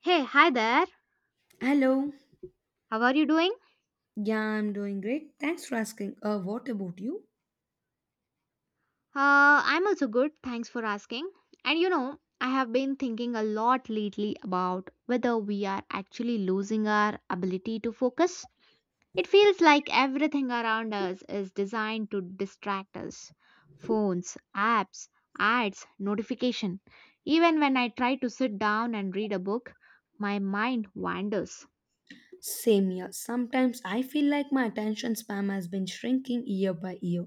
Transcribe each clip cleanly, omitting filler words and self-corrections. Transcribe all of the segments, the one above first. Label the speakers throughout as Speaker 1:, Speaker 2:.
Speaker 1: Hey, hi there.
Speaker 2: Hello.
Speaker 1: How are you doing?
Speaker 2: Yeah, I'm doing great. Thanks for asking. What about you?
Speaker 1: I'm also good. Thanks for asking. And you know, I have been thinking a lot lately about whether we are actually losing our ability to focus. It feels like everything around us is designed to distract us. Phones, apps, ads, notification. Even when I try to sit down and read a book, my mind wanders.
Speaker 2: Same here. Sometimes I feel like my attention span has been shrinking year by year.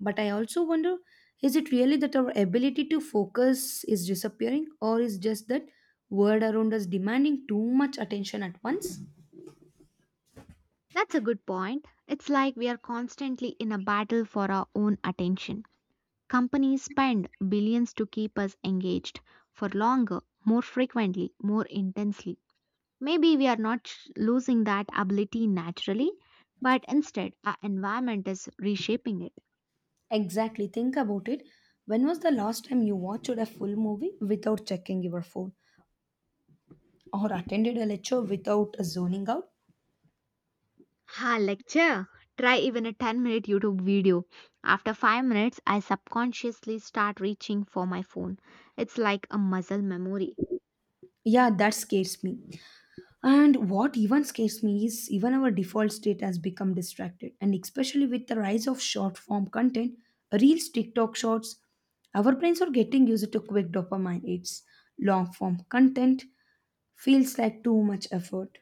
Speaker 2: But I also wonder, is it really that our ability to focus is disappearing, or is just that world around us demanding too much attention at once?
Speaker 1: That's a good point. It's like we are constantly in a battle for our own attention. Companies spend billions to keep us engaged for longer, more frequently, more intensely. Maybe we are not losing that ability naturally, but instead our environment is reshaping it.
Speaker 2: Exactly. Think about it. When was the last time you watched a full movie without checking your phone or attended a lecture without zoning out?
Speaker 1: Ha, lecture! Try even a 10-minute YouTube video. After 5 minutes, I subconsciously start reaching for my phone. It's like a muscle memory.
Speaker 2: Yeah, that scares me. And what even scares me is even our default state has become distracted. And especially with the rise of short form content, reels, TikTok shorts, our brains are getting used to quick dopamine hits. Long form content feels like too much effort.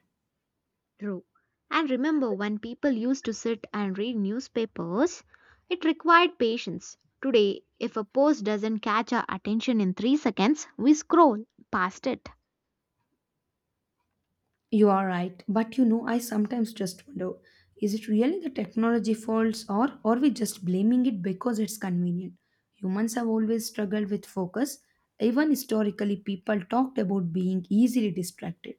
Speaker 1: True. And remember when people used to sit and read newspapers, it required patience. Today, if a post doesn't catch our attention in 3 seconds, we scroll past it.
Speaker 2: You are right, but I sometimes just wonder, is it really the technology faults or are we just blaming it because it's convenient? Humans have always struggled with focus. Even historically, people talked about being easily distracted.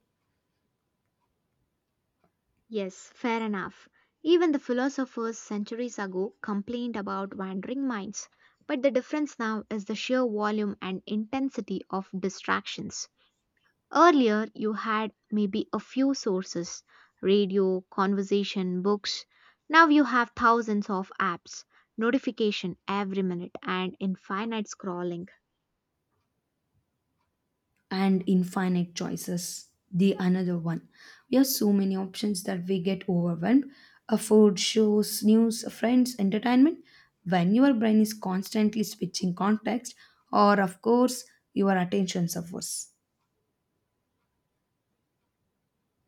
Speaker 1: Yes, fair enough. Even the philosophers centuries ago complained about wandering minds, but the difference now is the sheer volume and intensity of distractions. Earlier, you had maybe a few sources radio, conversation, books. Now you have thousands of apps, notification every minute, and infinite scrolling.
Speaker 2: And infinite choices, the another one. We have so many options that we get overwhelmed. A food, shows, news, friends, entertainment. When your brain is constantly switching context, or of course, your attention suffers.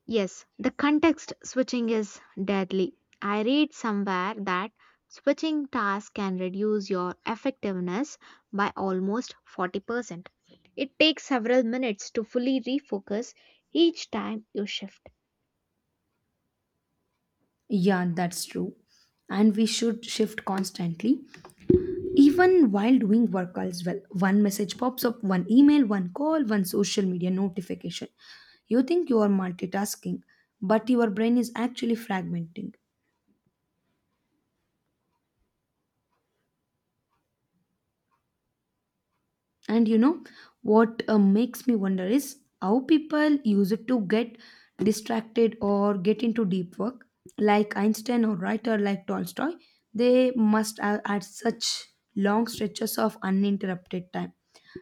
Speaker 1: Yes, the context switching is deadly. I read somewhere that switching tasks can reduce your effectiveness by almost 40%. It takes several minutes to fully refocus each time you shift.
Speaker 2: Yeah, that's true. And we should shift constantly, even while doing work as well. One message pops up, one email, one call, one social media notification. You think you are multitasking, but your brain is actually fragmenting. And you know what Makes me wonder is how people use it to get distracted or get into deep work. Like Einstein or writer like Tolstoy, they must have had such long stretches of uninterrupted time.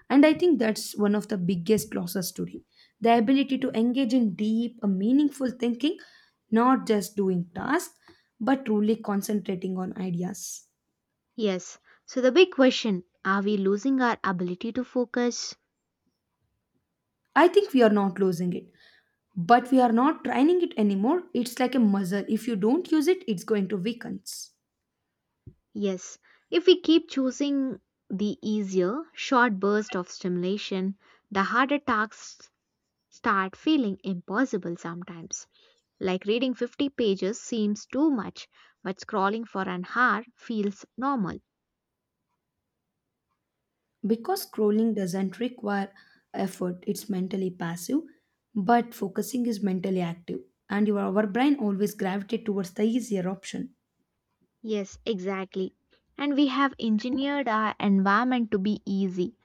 Speaker 2: And I think that's one of the biggest losses today. The ability to engage in deep, meaningful thinking, not just doing tasks, but truly concentrating on ideas.
Speaker 1: Yes. So the big question are we losing our ability to focus?
Speaker 2: I think we are not losing it, but we are not training it anymore. It's like a muscle. If you don't use it, it's going to weaken.
Speaker 1: Yes. If we keep choosing the easier, short burst of stimulation, the harder tasks start feeling impossible sometimes. Like reading 50 pages seems too much, but scrolling for an hour feels normal.
Speaker 2: Because scrolling doesn't require effort, it's mentally passive, but focusing is mentally active. And your our brain always gravitates towards the easier option.
Speaker 1: Yes, exactly. And we have engineered our environment to be easy.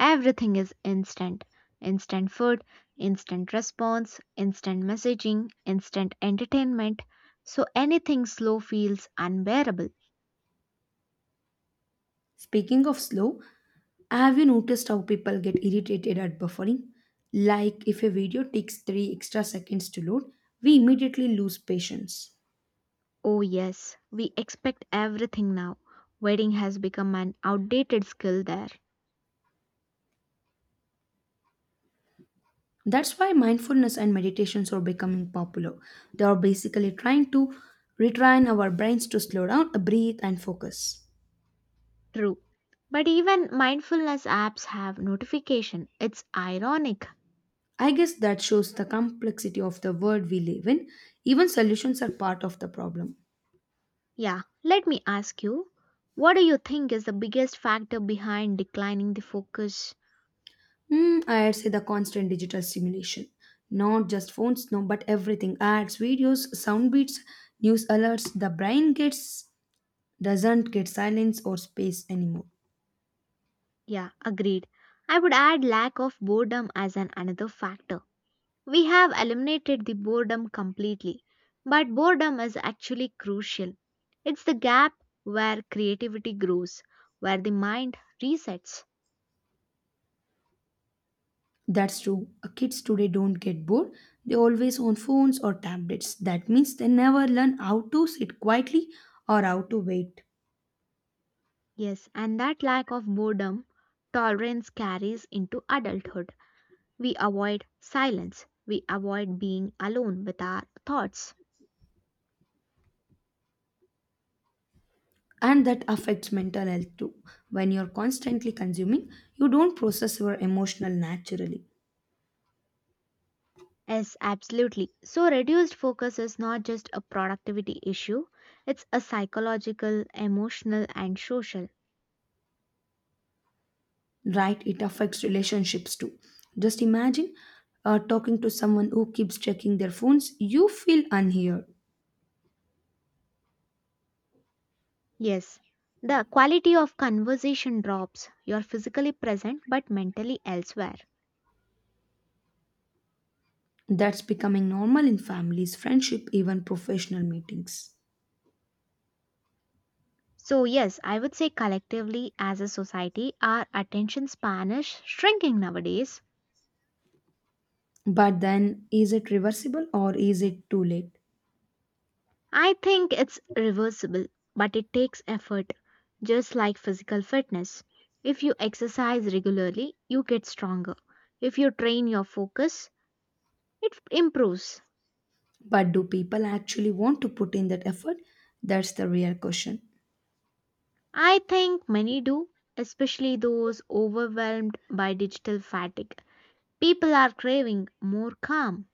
Speaker 1: Everything is instant instant food, instant response, instant messaging, instant entertainment. So anything slow feels unbearable.
Speaker 2: Speaking of slow, have you noticed how people get irritated at buffering? Like if a video takes 3 extra seconds to load, we immediately lose patience.
Speaker 1: Oh, yes, we expect everything now. Waiting has become an outdated skill there.
Speaker 2: That's why mindfulness and meditations are becoming popular. They are basically trying to retrain our brains to slow down, breathe, and focus.
Speaker 1: True. But even mindfulness apps have notification. It's ironic.
Speaker 2: I guess that shows the complexity of the world we live in. Even solutions are part of the problem.
Speaker 1: Yeah, let me ask you, what do you think is the biggest factor behind declining the focus?
Speaker 2: Hmm, I'd say the constant digital stimulation. Not just phones, no, but everything. Ads, videos, sound beats, news alerts. The brain gets doesn't get silence or space anymore.
Speaker 1: Yeah, agreed. I would add lack of boredom as an another factor. We have eliminated the boredom completely, but boredom is actually crucial. It's the gap where creativity grows, where the mind resets.
Speaker 2: That's true. Kids today don't get bored. They always on phones or tablets. That means they never learn how to sit quietly or how to wait.
Speaker 1: Yes, and that lack of boredom tolerance carries into adulthood. We avoid silence. We avoid being alone with our thoughts.
Speaker 2: And that affects mental health too. When you're constantly consuming, you don't process your emotional naturally.
Speaker 1: Yes, absolutely. So, reduced focus is not just a productivity issue, it's a psychological, emotional, and social.
Speaker 2: Right? It affects relationships too. Just imagine talking to someone who keeps checking their phones, you feel unheard.
Speaker 1: Yes, the quality of conversation drops. You're physically present but mentally elsewhere.
Speaker 2: That's becoming normal in families, friendship, even professional meetings.
Speaker 1: So, yes, I would say collectively as a society, our attention span is shrinking nowadays.
Speaker 2: But then, is it reversible or is it too late?
Speaker 1: I think it's reversible, but it takes effort, just like physical fitness. If you exercise regularly, you get stronger. If you train your focus, it improves.
Speaker 2: But do people actually want to put in that effort? That's the real question.
Speaker 1: I think many do, especially those overwhelmed by digital fatigue. People are craving more calm.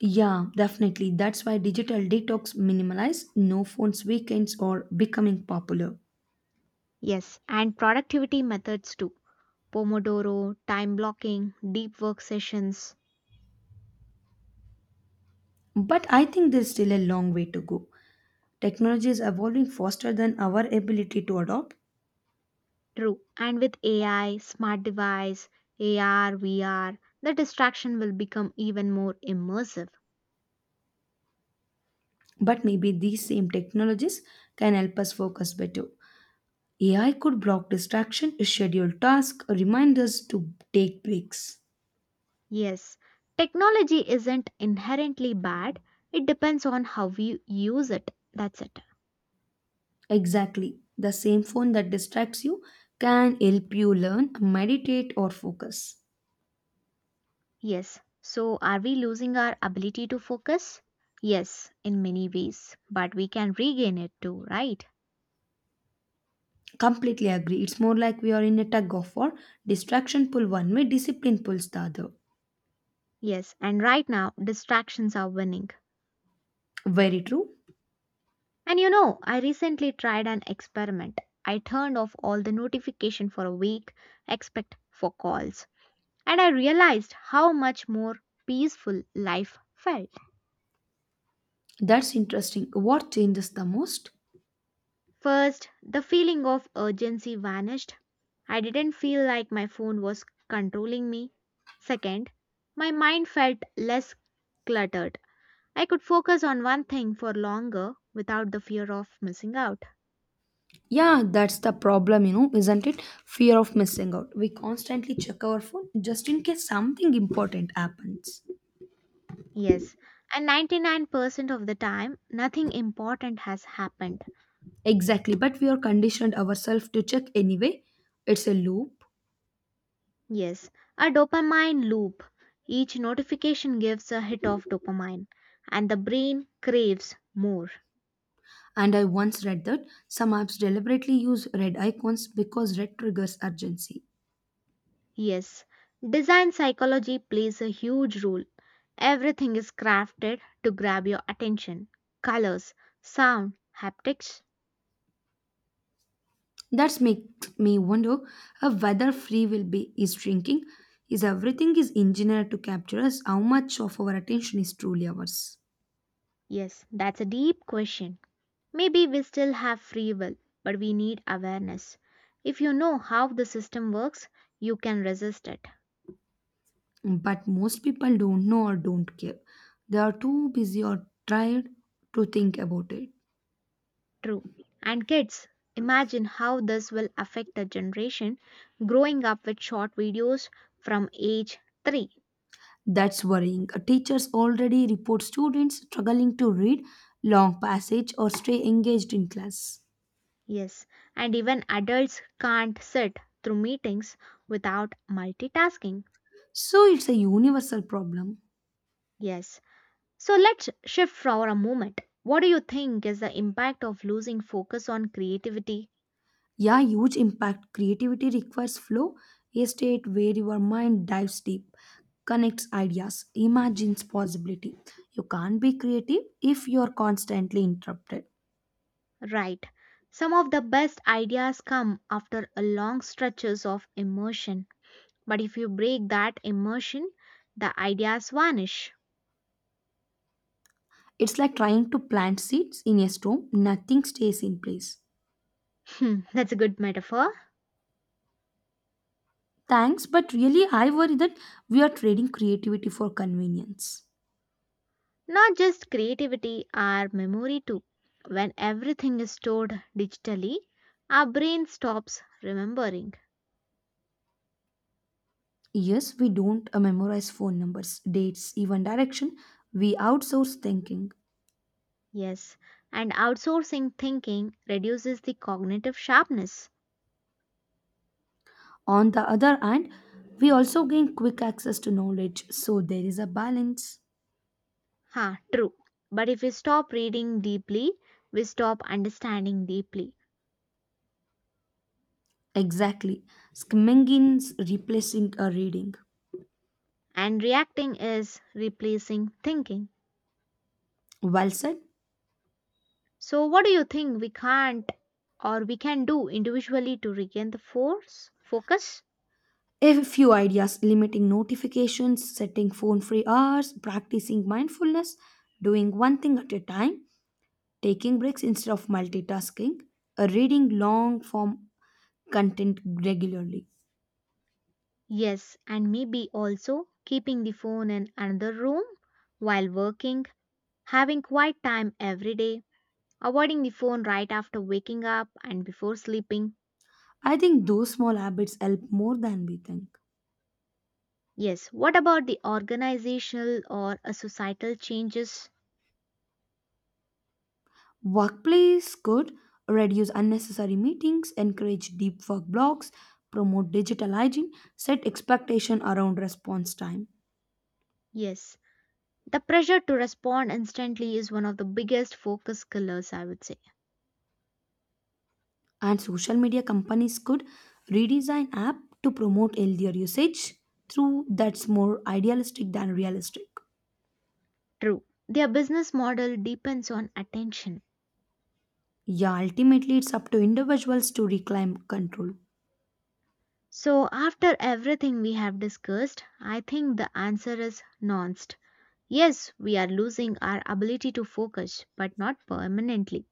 Speaker 2: Yeah, definitely. That's why digital detox minimalize, no phones weekends are becoming popular.
Speaker 1: Yes, and productivity methods too. Pomodoro, time blocking, deep work sessions.
Speaker 2: But I think there's still a long way to go. Technology is evolving faster than our ability to adopt,
Speaker 1: True. And with AI, smart device, AR, VR, the distraction will become even more immersive.
Speaker 2: but maybe these same technologies can help us focus better. AI could block distraction, schedule tasks, remind us to take breaks.
Speaker 1: Yes, technology isn't inherently bad, it depends on how we use it. That's it.
Speaker 2: Exactly. The same phone that distracts you can help you learn, meditate, or focus.
Speaker 1: Yes. So, are we losing our ability to focus? Yes, in many ways, but we can regain it too, right?
Speaker 2: Completely agree. It's more like we are in a tug of war. Distraction pull one way, discipline pulls the other.
Speaker 1: Yes, and right now, distractions are winning.
Speaker 2: Very true.
Speaker 1: And you know, I recently tried an experiment. I turned off all the notification for a week, except for calls. And I realized how much more peaceful life felt.
Speaker 2: That's interesting. What changes the most?
Speaker 1: First, the feeling of urgency vanished. I didn't feel like my phone was controlling me. Second, my mind felt less cluttered. I could focus on one thing for longer without the fear of missing out.
Speaker 2: Yeah, that's the problem, isn't it? Fear of missing out. We constantly check our phone just in case something important happens.
Speaker 1: Yes, and 99% of the time, nothing important has happened.
Speaker 2: Exactly, but we are conditioned ourselves to check anyway. It's a loop.
Speaker 1: Yes, a dopamine loop. Each notification gives a hit of dopamine, and the brain craves more.
Speaker 2: And I once read that some apps deliberately use red icons because red triggers urgency.
Speaker 1: Yes, design psychology plays a huge role. Everything is crafted to grab your attention. Colors, sound, haptics.
Speaker 2: That makes me wonder whether free will be is shrinking. Is everything is engineered to capture us? How much of our attention is truly ours?
Speaker 1: Yes, that's a deep question. Maybe we still have free will, but we need awareness. If you know how the system works, you can resist it.
Speaker 2: But most people don't know or don't care. They are too busy or tired to think about it.
Speaker 1: True. And kids, imagine how this will affect the generation growing up with short videos from age 3.
Speaker 2: That's worrying. Teachers already report students struggling to read long passage or stay engaged in class.
Speaker 1: Yes, and even adults can't sit through meetings without multitasking.
Speaker 2: So it's a universal problem.
Speaker 1: Yes. So let's shift for a moment. What do you think is the impact of losing focus on creativity?
Speaker 2: Yeah, huge impact. Creativity requires flow, a state where your mind dives deep, connects ideas, imagines possibility. You can't be creative if you're constantly interrupted.
Speaker 1: Right. Some of the best ideas come after a long stretches of immersion. But if you break that immersion, the ideas vanish.
Speaker 2: It's like trying to plant seeds in a storm, nothing stays in place.
Speaker 1: Hmm, that's a good metaphor.
Speaker 2: Thanks, but really, I worry that we are trading creativity for convenience.
Speaker 1: Not just creativity, our memory too. When everything is stored digitally, our brain stops remembering.
Speaker 2: Yes, we don't memorize phone numbers, dates, even direction. We outsource thinking.
Speaker 1: Yes, and outsourcing thinking reduces the cognitive sharpness.
Speaker 2: On the other hand, we also gain quick access to knowledge, so there is a balance.
Speaker 1: Ha, true. But if we stop reading deeply, we stop understanding deeply.
Speaker 2: Exactly. Skimming is replacing a reading.
Speaker 1: And reacting is replacing thinking.
Speaker 2: Well said.
Speaker 1: So, what do you think we can't or we can do individually to regain the force, focus?
Speaker 2: A few ideas: limiting notifications, setting phone free hours, practicing mindfulness, doing one thing at a time, taking breaks instead of multitasking, reading long form content regularly.
Speaker 1: Yes, and maybe also keeping the phone in another room while working, having quiet time every day, avoiding the phone right after waking up and before sleeping.
Speaker 2: I think those small habits help more than we think.
Speaker 1: Yes, what about the organizational or a societal changes?
Speaker 2: Workplace could reduce unnecessary meetings, encourage deep work blocks, promote digital hygiene, set expectation around response time.
Speaker 1: Yes, the pressure to respond instantly is one of the biggest focus killers, I would say.
Speaker 2: And social media companies could redesign app to promote healthier usage through that's more idealistic than realistic.
Speaker 1: True. Their business model depends on attention.
Speaker 2: Yeah, ultimately it's up to individuals to reclaim control.
Speaker 1: So, after everything we have discussed, I think the answer is nuanced. Yes, we are losing our ability to focus, but not permanently.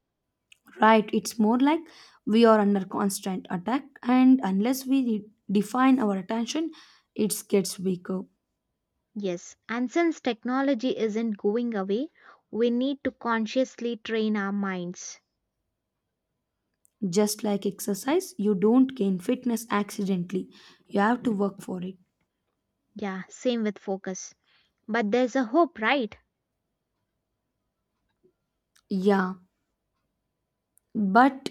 Speaker 2: Right, it's more like we are under constant attack and unless we define our attention, it gets weaker.
Speaker 1: Yes, and since technology isn't going away, we need to consciously train our minds.
Speaker 2: Just like exercise, you don't gain fitness accidentally. You have to work for it.
Speaker 1: Yeah, same with focus. But there's a hope, right?
Speaker 2: Yeah, but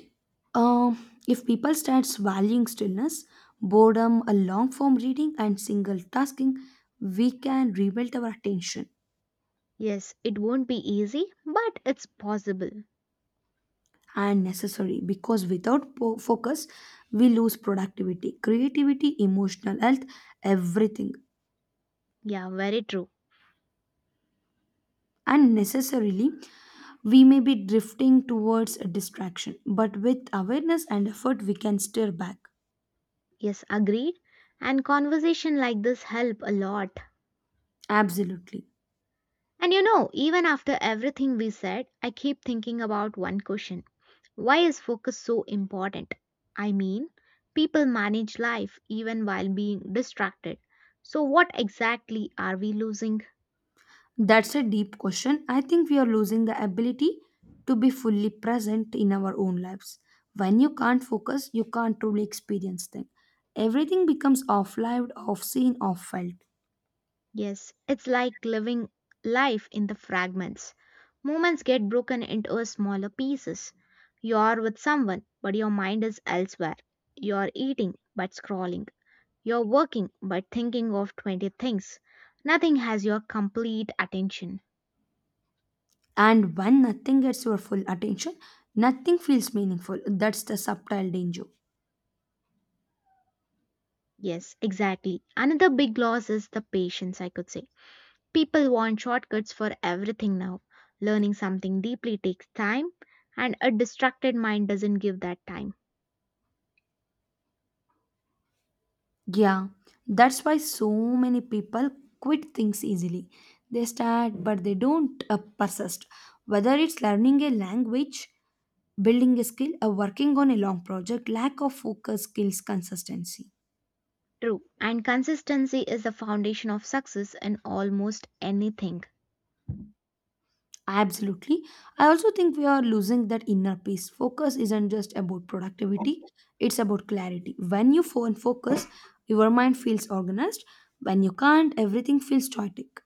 Speaker 2: um, if people starts valuing stillness, boredom, a long form reading, and single tasking, we can rebuild our attention
Speaker 1: Yes, it won't be easy, but it's possible.
Speaker 2: and necessary because without focus, we lose productivity, creativity, emotional health, everything,
Speaker 1: Yeah, very true.
Speaker 2: and necessarily we may be drifting towards a distraction, but with awareness and effort, we can steer back.
Speaker 1: Yes, agreed. And conversation like this help a lot.
Speaker 2: Absolutely.
Speaker 1: And you know, even after everything we said, I keep thinking about one question. Why is focus so important? I mean, people manage life even while being distracted. So what exactly are we losing?
Speaker 2: That's a deep question. I think we are losing the ability to be fully present in our own lives. When you can't focus, you can't truly experience things. Everything becomes off lived, off seen, off felt.
Speaker 1: Yes, it's like living life in the fragments. Moments get broken into smaller pieces. You're with someone, but your mind is elsewhere. You're eating, but scrolling. You're working but thinking of 20 things. Nothing has your complete attention.
Speaker 2: And when nothing gets your full attention, nothing feels meaningful. That's the subtle danger.
Speaker 1: Yes, exactly. Another big loss is the patience, I could say. People want shortcuts for everything now. Learning something deeply takes time, and a distracted mind doesn't give that time.
Speaker 2: Yeah, that's why so many people quit things easily. They start, but they don't persist. Whether it's learning a language, building a skill, or working on a long project, lack of focus kills consistency.
Speaker 1: True. And consistency is the foundation of success in almost anything.
Speaker 2: Absolutely. I also think we are losing that inner peace. Focus isn't just about productivity, it's about clarity. When you phone focus, your mind feels organized. When you can't, everything feels static.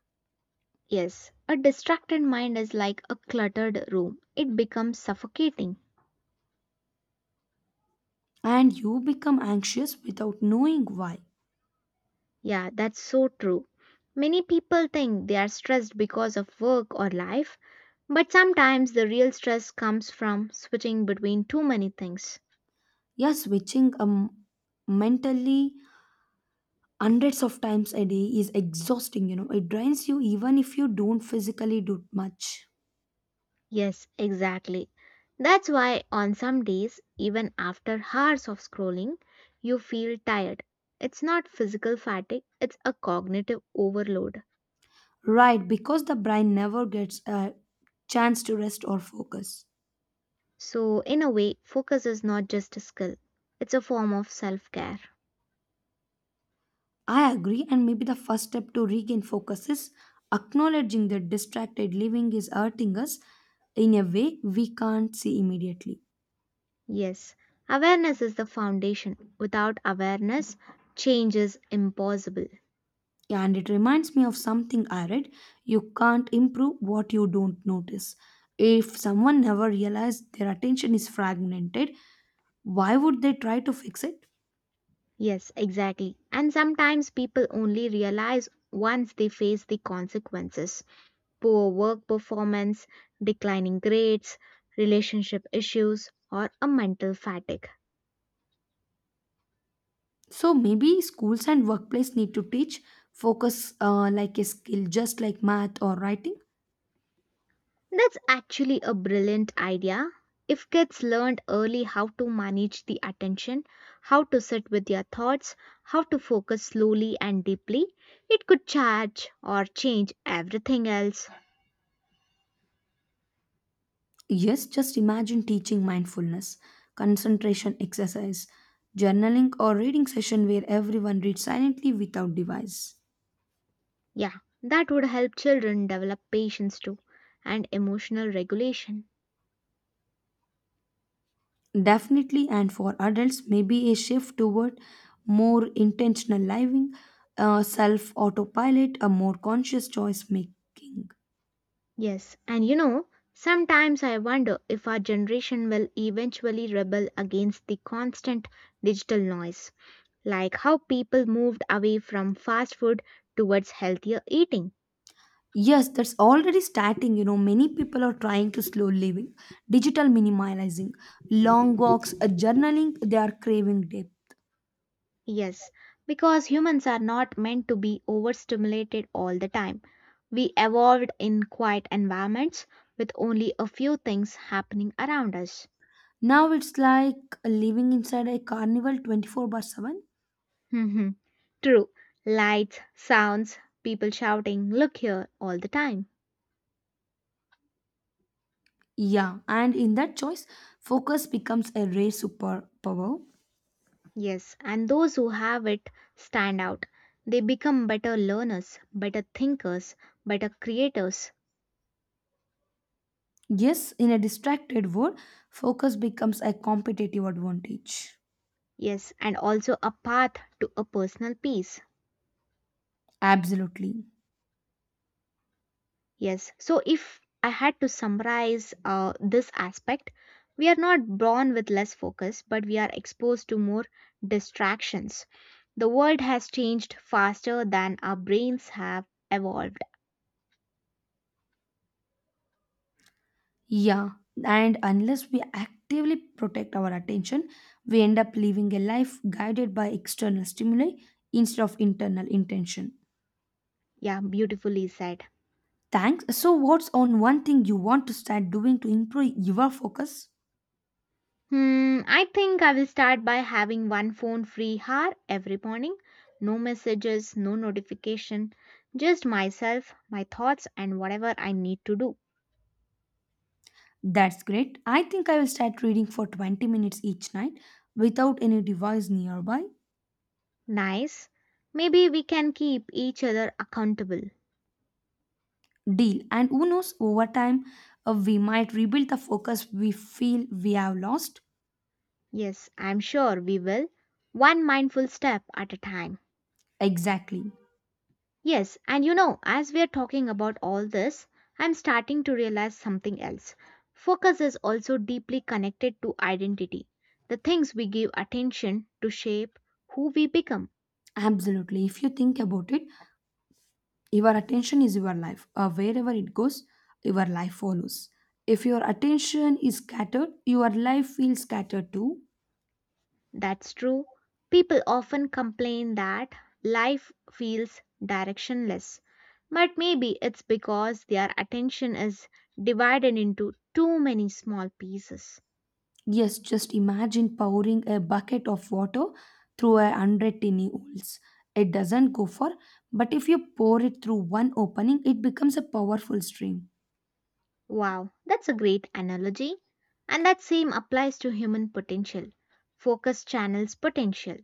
Speaker 1: Yes, a distracted mind is like a cluttered room. It becomes suffocating.
Speaker 2: And you become anxious without knowing why.
Speaker 1: Yeah, that's so true. Many people think they are stressed because of work or life, but sometimes the real stress comes from switching between too many things.
Speaker 2: Yeah, switching mentally hundreds of times a day is exhausting, It drains you even if you don't physically do much.
Speaker 1: Yes, exactly. That's why on some days, even after hours of scrolling, you feel tired. It's not physical fatigue, it's a cognitive overload.
Speaker 2: Right, because the brain never gets a chance to rest or focus.
Speaker 1: So, in a way, focus is not just a skill, it's a form of self care.
Speaker 2: I agree, and maybe the first step to regain focus is acknowledging that distracted living is hurting us in a way we can't see immediately.
Speaker 1: Yes, awareness is the foundation. Without awareness, change is impossible.
Speaker 2: Yeah, and it reminds me of something I read: you can't improve what you don't notice. If someone never realized their attention is fragmented, why would they try to fix it?
Speaker 1: Yes, exactly. And sometimes people only realize once they face the consequences poor work performance, declining grades, relationship issues, or a mental fatigue.
Speaker 2: So maybe schools and workplace need to teach focus like a skill, just like math or writing.
Speaker 1: That's actually a brilliant idea. If kids learned early how to manage the attention, how to sit with their thoughts, how to focus slowly and deeply, it could charge or change everything else.
Speaker 2: Yes, just imagine teaching mindfulness, concentration exercise, journaling, or reading session where everyone reads silently without device.
Speaker 1: Yeah, that would help children develop patience too and emotional regulation.
Speaker 2: Definitely, and for adults, maybe a shift toward more intentional living, self autopilot, a more conscious choice making.
Speaker 1: Yes, and you know, sometimes I wonder if our generation will eventually rebel against the constant digital noise like how people moved away from fast food towards healthier eating.
Speaker 2: Yes, that's already starting. Many people are trying to slow living, digital minimalizing, long walks, journaling, they are craving depth.
Speaker 1: Yes, because humans are not meant to be overstimulated all the time. We evolved in quiet environments with only a few things happening around us.
Speaker 2: Now it's like living inside a carnival 24 by 7.
Speaker 1: Mhm. True. Lights, sounds, people shouting, look here all the time.
Speaker 2: Yeah, and in that choice, focus becomes a rare superpower.
Speaker 1: Yes, and those who have it stand out. They become better learners, better thinkers, better creators,
Speaker 2: Yes, in a distracted world, focus becomes a competitive advantage.
Speaker 1: Yes, and also a path to a personal peace.
Speaker 2: Absolutely.
Speaker 1: Yes. So, if I had to summarize this aspect, we are not born with less focus, but we are exposed to more distractions. The world has changed faster than our brains have evolved.
Speaker 2: Yeah, and unless we actively protect our attention, we end up living a life guided by external stimuli instead of internal intention.
Speaker 1: Yeah, beautifully said.
Speaker 2: Thanks. So, what's on one thing you want to start doing to improve your focus?
Speaker 1: Hmm, I think I will start by having one phone free hour every morning. No messages, no notification, just myself, my thoughts, and whatever I need to do.
Speaker 2: That's great. I think I will start reading for 20 minutes each night without any device nearby.
Speaker 1: Nice. Maybe we can keep each other accountable.
Speaker 2: Deal. And who knows, over time we might rebuild the focus we feel we have lost.
Speaker 1: Yes, I'm sure we will. One mindful step at a time.
Speaker 2: Exactly.
Speaker 1: Yes, and you know, as we are talking about all this, I'm starting to realize something else. Focus is also deeply connected to identity. The things we give attention to shape who we become.
Speaker 2: Absolutely. If you think about it, your attention is your life. Wherever it goes, your life follows. If your attention is scattered, your life feels scattered too.
Speaker 1: That's true. People often complain that life feels directionless, but maybe it's because their attention is divided into too many small pieces.
Speaker 2: Yes, just imagine pouring a bucket of water through a hundred tiny holes. It doesn't go far, but if you pour it through one opening, it becomes a powerful stream.
Speaker 1: Wow, that's a great analogy. And that same applies to human potential. Focus channels potential.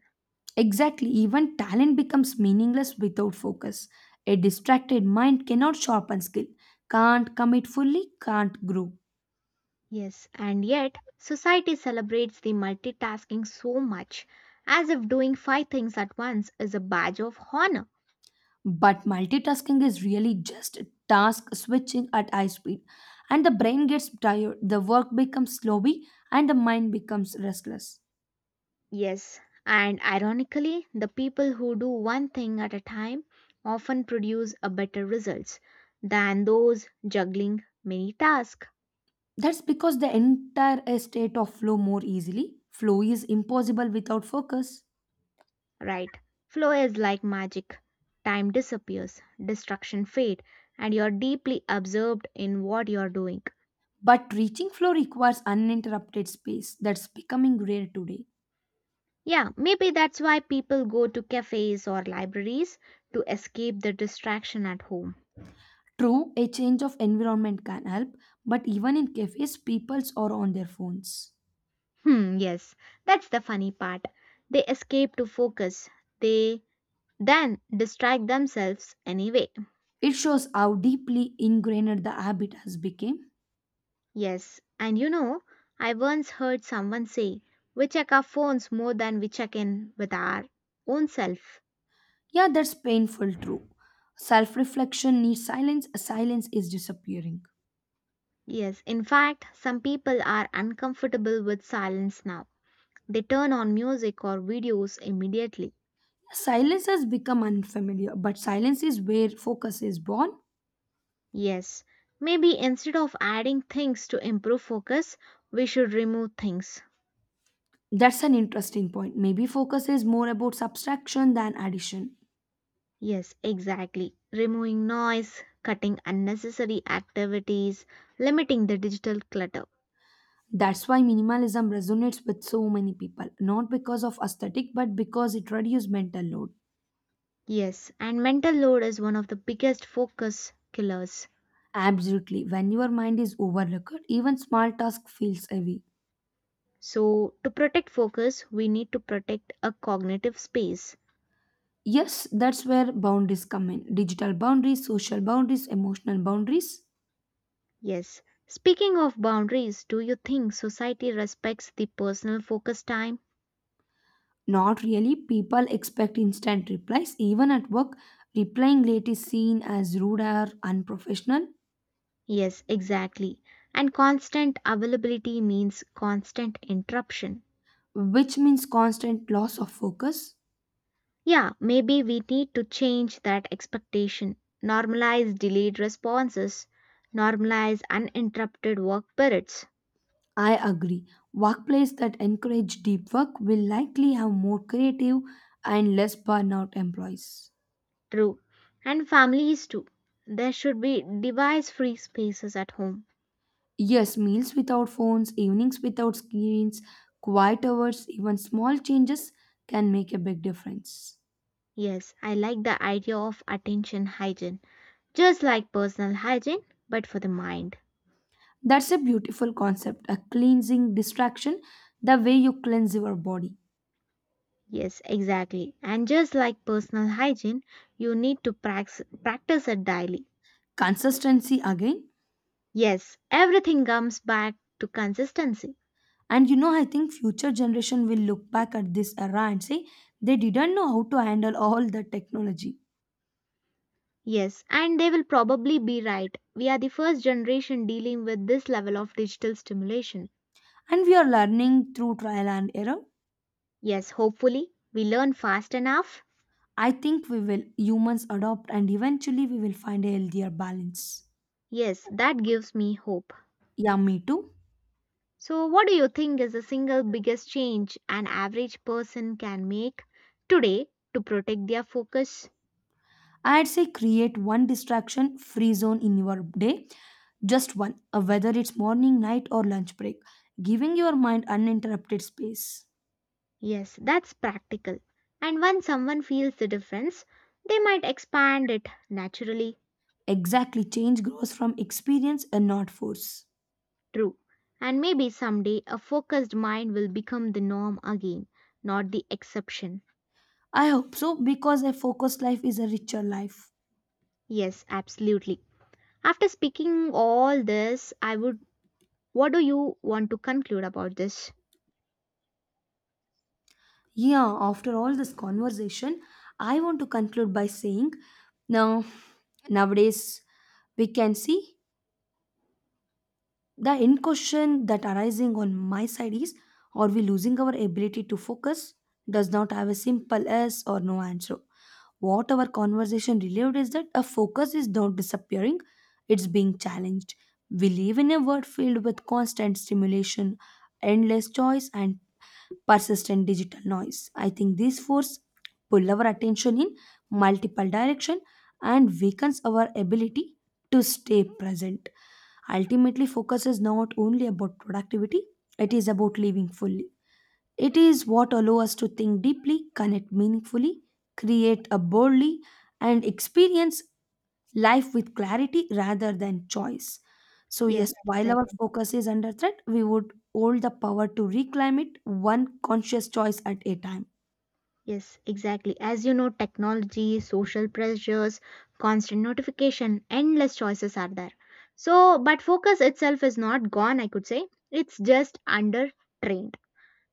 Speaker 2: Exactly, even talent becomes meaningless without focus. A distracted mind cannot sharpen skill, can't commit fully, can't grow.
Speaker 1: Yes, and yet society celebrates the multitasking so much as if doing five things at once is a badge of honor.
Speaker 2: But multitasking is really just task switching at high speed, and the brain gets tired, the work becomes sloppy, and the mind becomes restless.
Speaker 1: Yes, and ironically, the people who do one thing at a time often produce a better results than those juggling many tasks.
Speaker 2: That's because they enter a state of flow more easily. Flow is impossible without focus.
Speaker 1: Right. Flow is like magic. Time disappears, distraction fade, and you're deeply absorbed in what you're doing.
Speaker 2: But reaching flow requires uninterrupted space that's becoming rare today.
Speaker 1: Yeah, maybe that's why people go to cafes or libraries to escape the distraction at home.
Speaker 2: True, a change of environment can help, but even in cafes, peoples are on their phones.
Speaker 1: Hmm, yes, that's the funny part. They escape to focus. They then distract themselves anyway.
Speaker 2: It shows how deeply ingrained the habit has become.
Speaker 1: Yes, and you know, I once heard someone say, we check our phones more than we check in with our own self.
Speaker 2: Yeah, that's painful, true. Self reflection needs silence, silence is disappearing.
Speaker 1: Yes, in fact, some people are uncomfortable with silence now. They turn on music or videos immediately.
Speaker 2: Silence has become unfamiliar, but silence is where focus is born.
Speaker 1: Yes, maybe instead of adding things to improve focus, we should remove things.
Speaker 2: That's an interesting point. Maybe focus is more about subtraction than addition.
Speaker 1: Yes, exactly. Removing noise, cutting unnecessary activities, limiting the digital clutter.
Speaker 2: That's why minimalism resonates with so many people, not because of aesthetic, but because it reduces mental load.
Speaker 1: Yes, and mental load is one of the biggest focus killers.
Speaker 2: Absolutely. When your mind is overlooked, even small task feels heavy.
Speaker 1: So, to protect focus, we need to protect a cognitive space.
Speaker 2: Yes, that's where boundaries come in. Digital boundaries, social boundaries, emotional boundaries.
Speaker 1: Yes. Speaking of boundaries, do you think society respects the personal focus time?
Speaker 2: Not really. People expect instant replies. Even at work, replying late is seen as rude or unprofessional,
Speaker 1: Yes, exactly. And constant availability means constant interruption.
Speaker 2: which means constant loss of focus.
Speaker 1: Yeah, maybe we need to change that expectation. Normalize delayed responses, normalize uninterrupted work periods.
Speaker 2: I agree. Workplace that encourage deep work will likely have more creative and less burnout employees.
Speaker 1: True. And families too. There should be device free spaces at home.
Speaker 2: Yes, meals without phones, evenings without screens, quiet hours, even small changes can make a big difference.
Speaker 1: Yes, I like the idea of attention hygiene. Just like personal hygiene, but for the mind.
Speaker 2: That's a beautiful concept, a cleansing distraction, the way you cleanse your body.
Speaker 1: Yes, exactly. And just like personal hygiene, you need to practice it daily.
Speaker 2: Consistency again.
Speaker 1: Yes, everything comes back to consistency.
Speaker 2: I think future generation will look back at this era and say they didn't know how to handle all the technology.
Speaker 1: Yes, and they will probably be right. We are the first generation dealing with this level of digital stimulation.
Speaker 2: And we are learning through trial and error.
Speaker 1: Yes, hopefully, we learn fast enough.
Speaker 2: I think we will humans adopt and eventually we will find a healthier balance.
Speaker 1: Yes, that gives me hope.
Speaker 2: Yeah, me too.
Speaker 1: So, what do you think is the single biggest change an average person can make today to protect their focus?
Speaker 2: I'd say create one distraction free zone in your day, just one, whether it's morning, night, or lunch break, giving your mind uninterrupted space.
Speaker 1: Yes, that's practical. And when someone feels the difference, they might expand it naturally.
Speaker 2: Exactly, change grows from experience and not force.
Speaker 1: True. And maybe someday a focused mind will become the norm again, not the exception.
Speaker 2: I hope so because a focused life is a richer life.
Speaker 1: Yes, absolutely. After speaking all this, I would what do you want to conclude about this?
Speaker 2: Yeah, after all this conversation, I want to conclude by saying now, nowadays, we can see the end question that arising on my side is, are we losing our ability to focus? Does not have a simple yes or no answer. What our conversation revealed is that a focus is not disappearing, it's being challenged. We live in a world filled with constant stimulation, endless choice, and persistent digital noise. I think these force pull our attention in multiple direction and weakens our ability to stay present. Ultimately, focus is not only about productivity, it is about living fully. It is what allows us to think deeply, connect meaningfully, create a boldly, and experience life with clarity rather than choice. So,
Speaker 1: Yes,
Speaker 2: yes, while our
Speaker 1: exactly.
Speaker 2: focus is under threat, we would hold the power to reclaim it one conscious choice at a time.
Speaker 1: Yes, exactly. As you know, technology, social pressures, constant notification, endless choices are there. So, but focus itself is not gone, I could say. It's just under trained.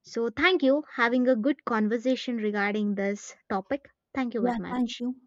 Speaker 1: So, thank you. Having a good conversation regarding this topic. Thank you very
Speaker 2: Yeah, thank
Speaker 1: much.
Speaker 2: you.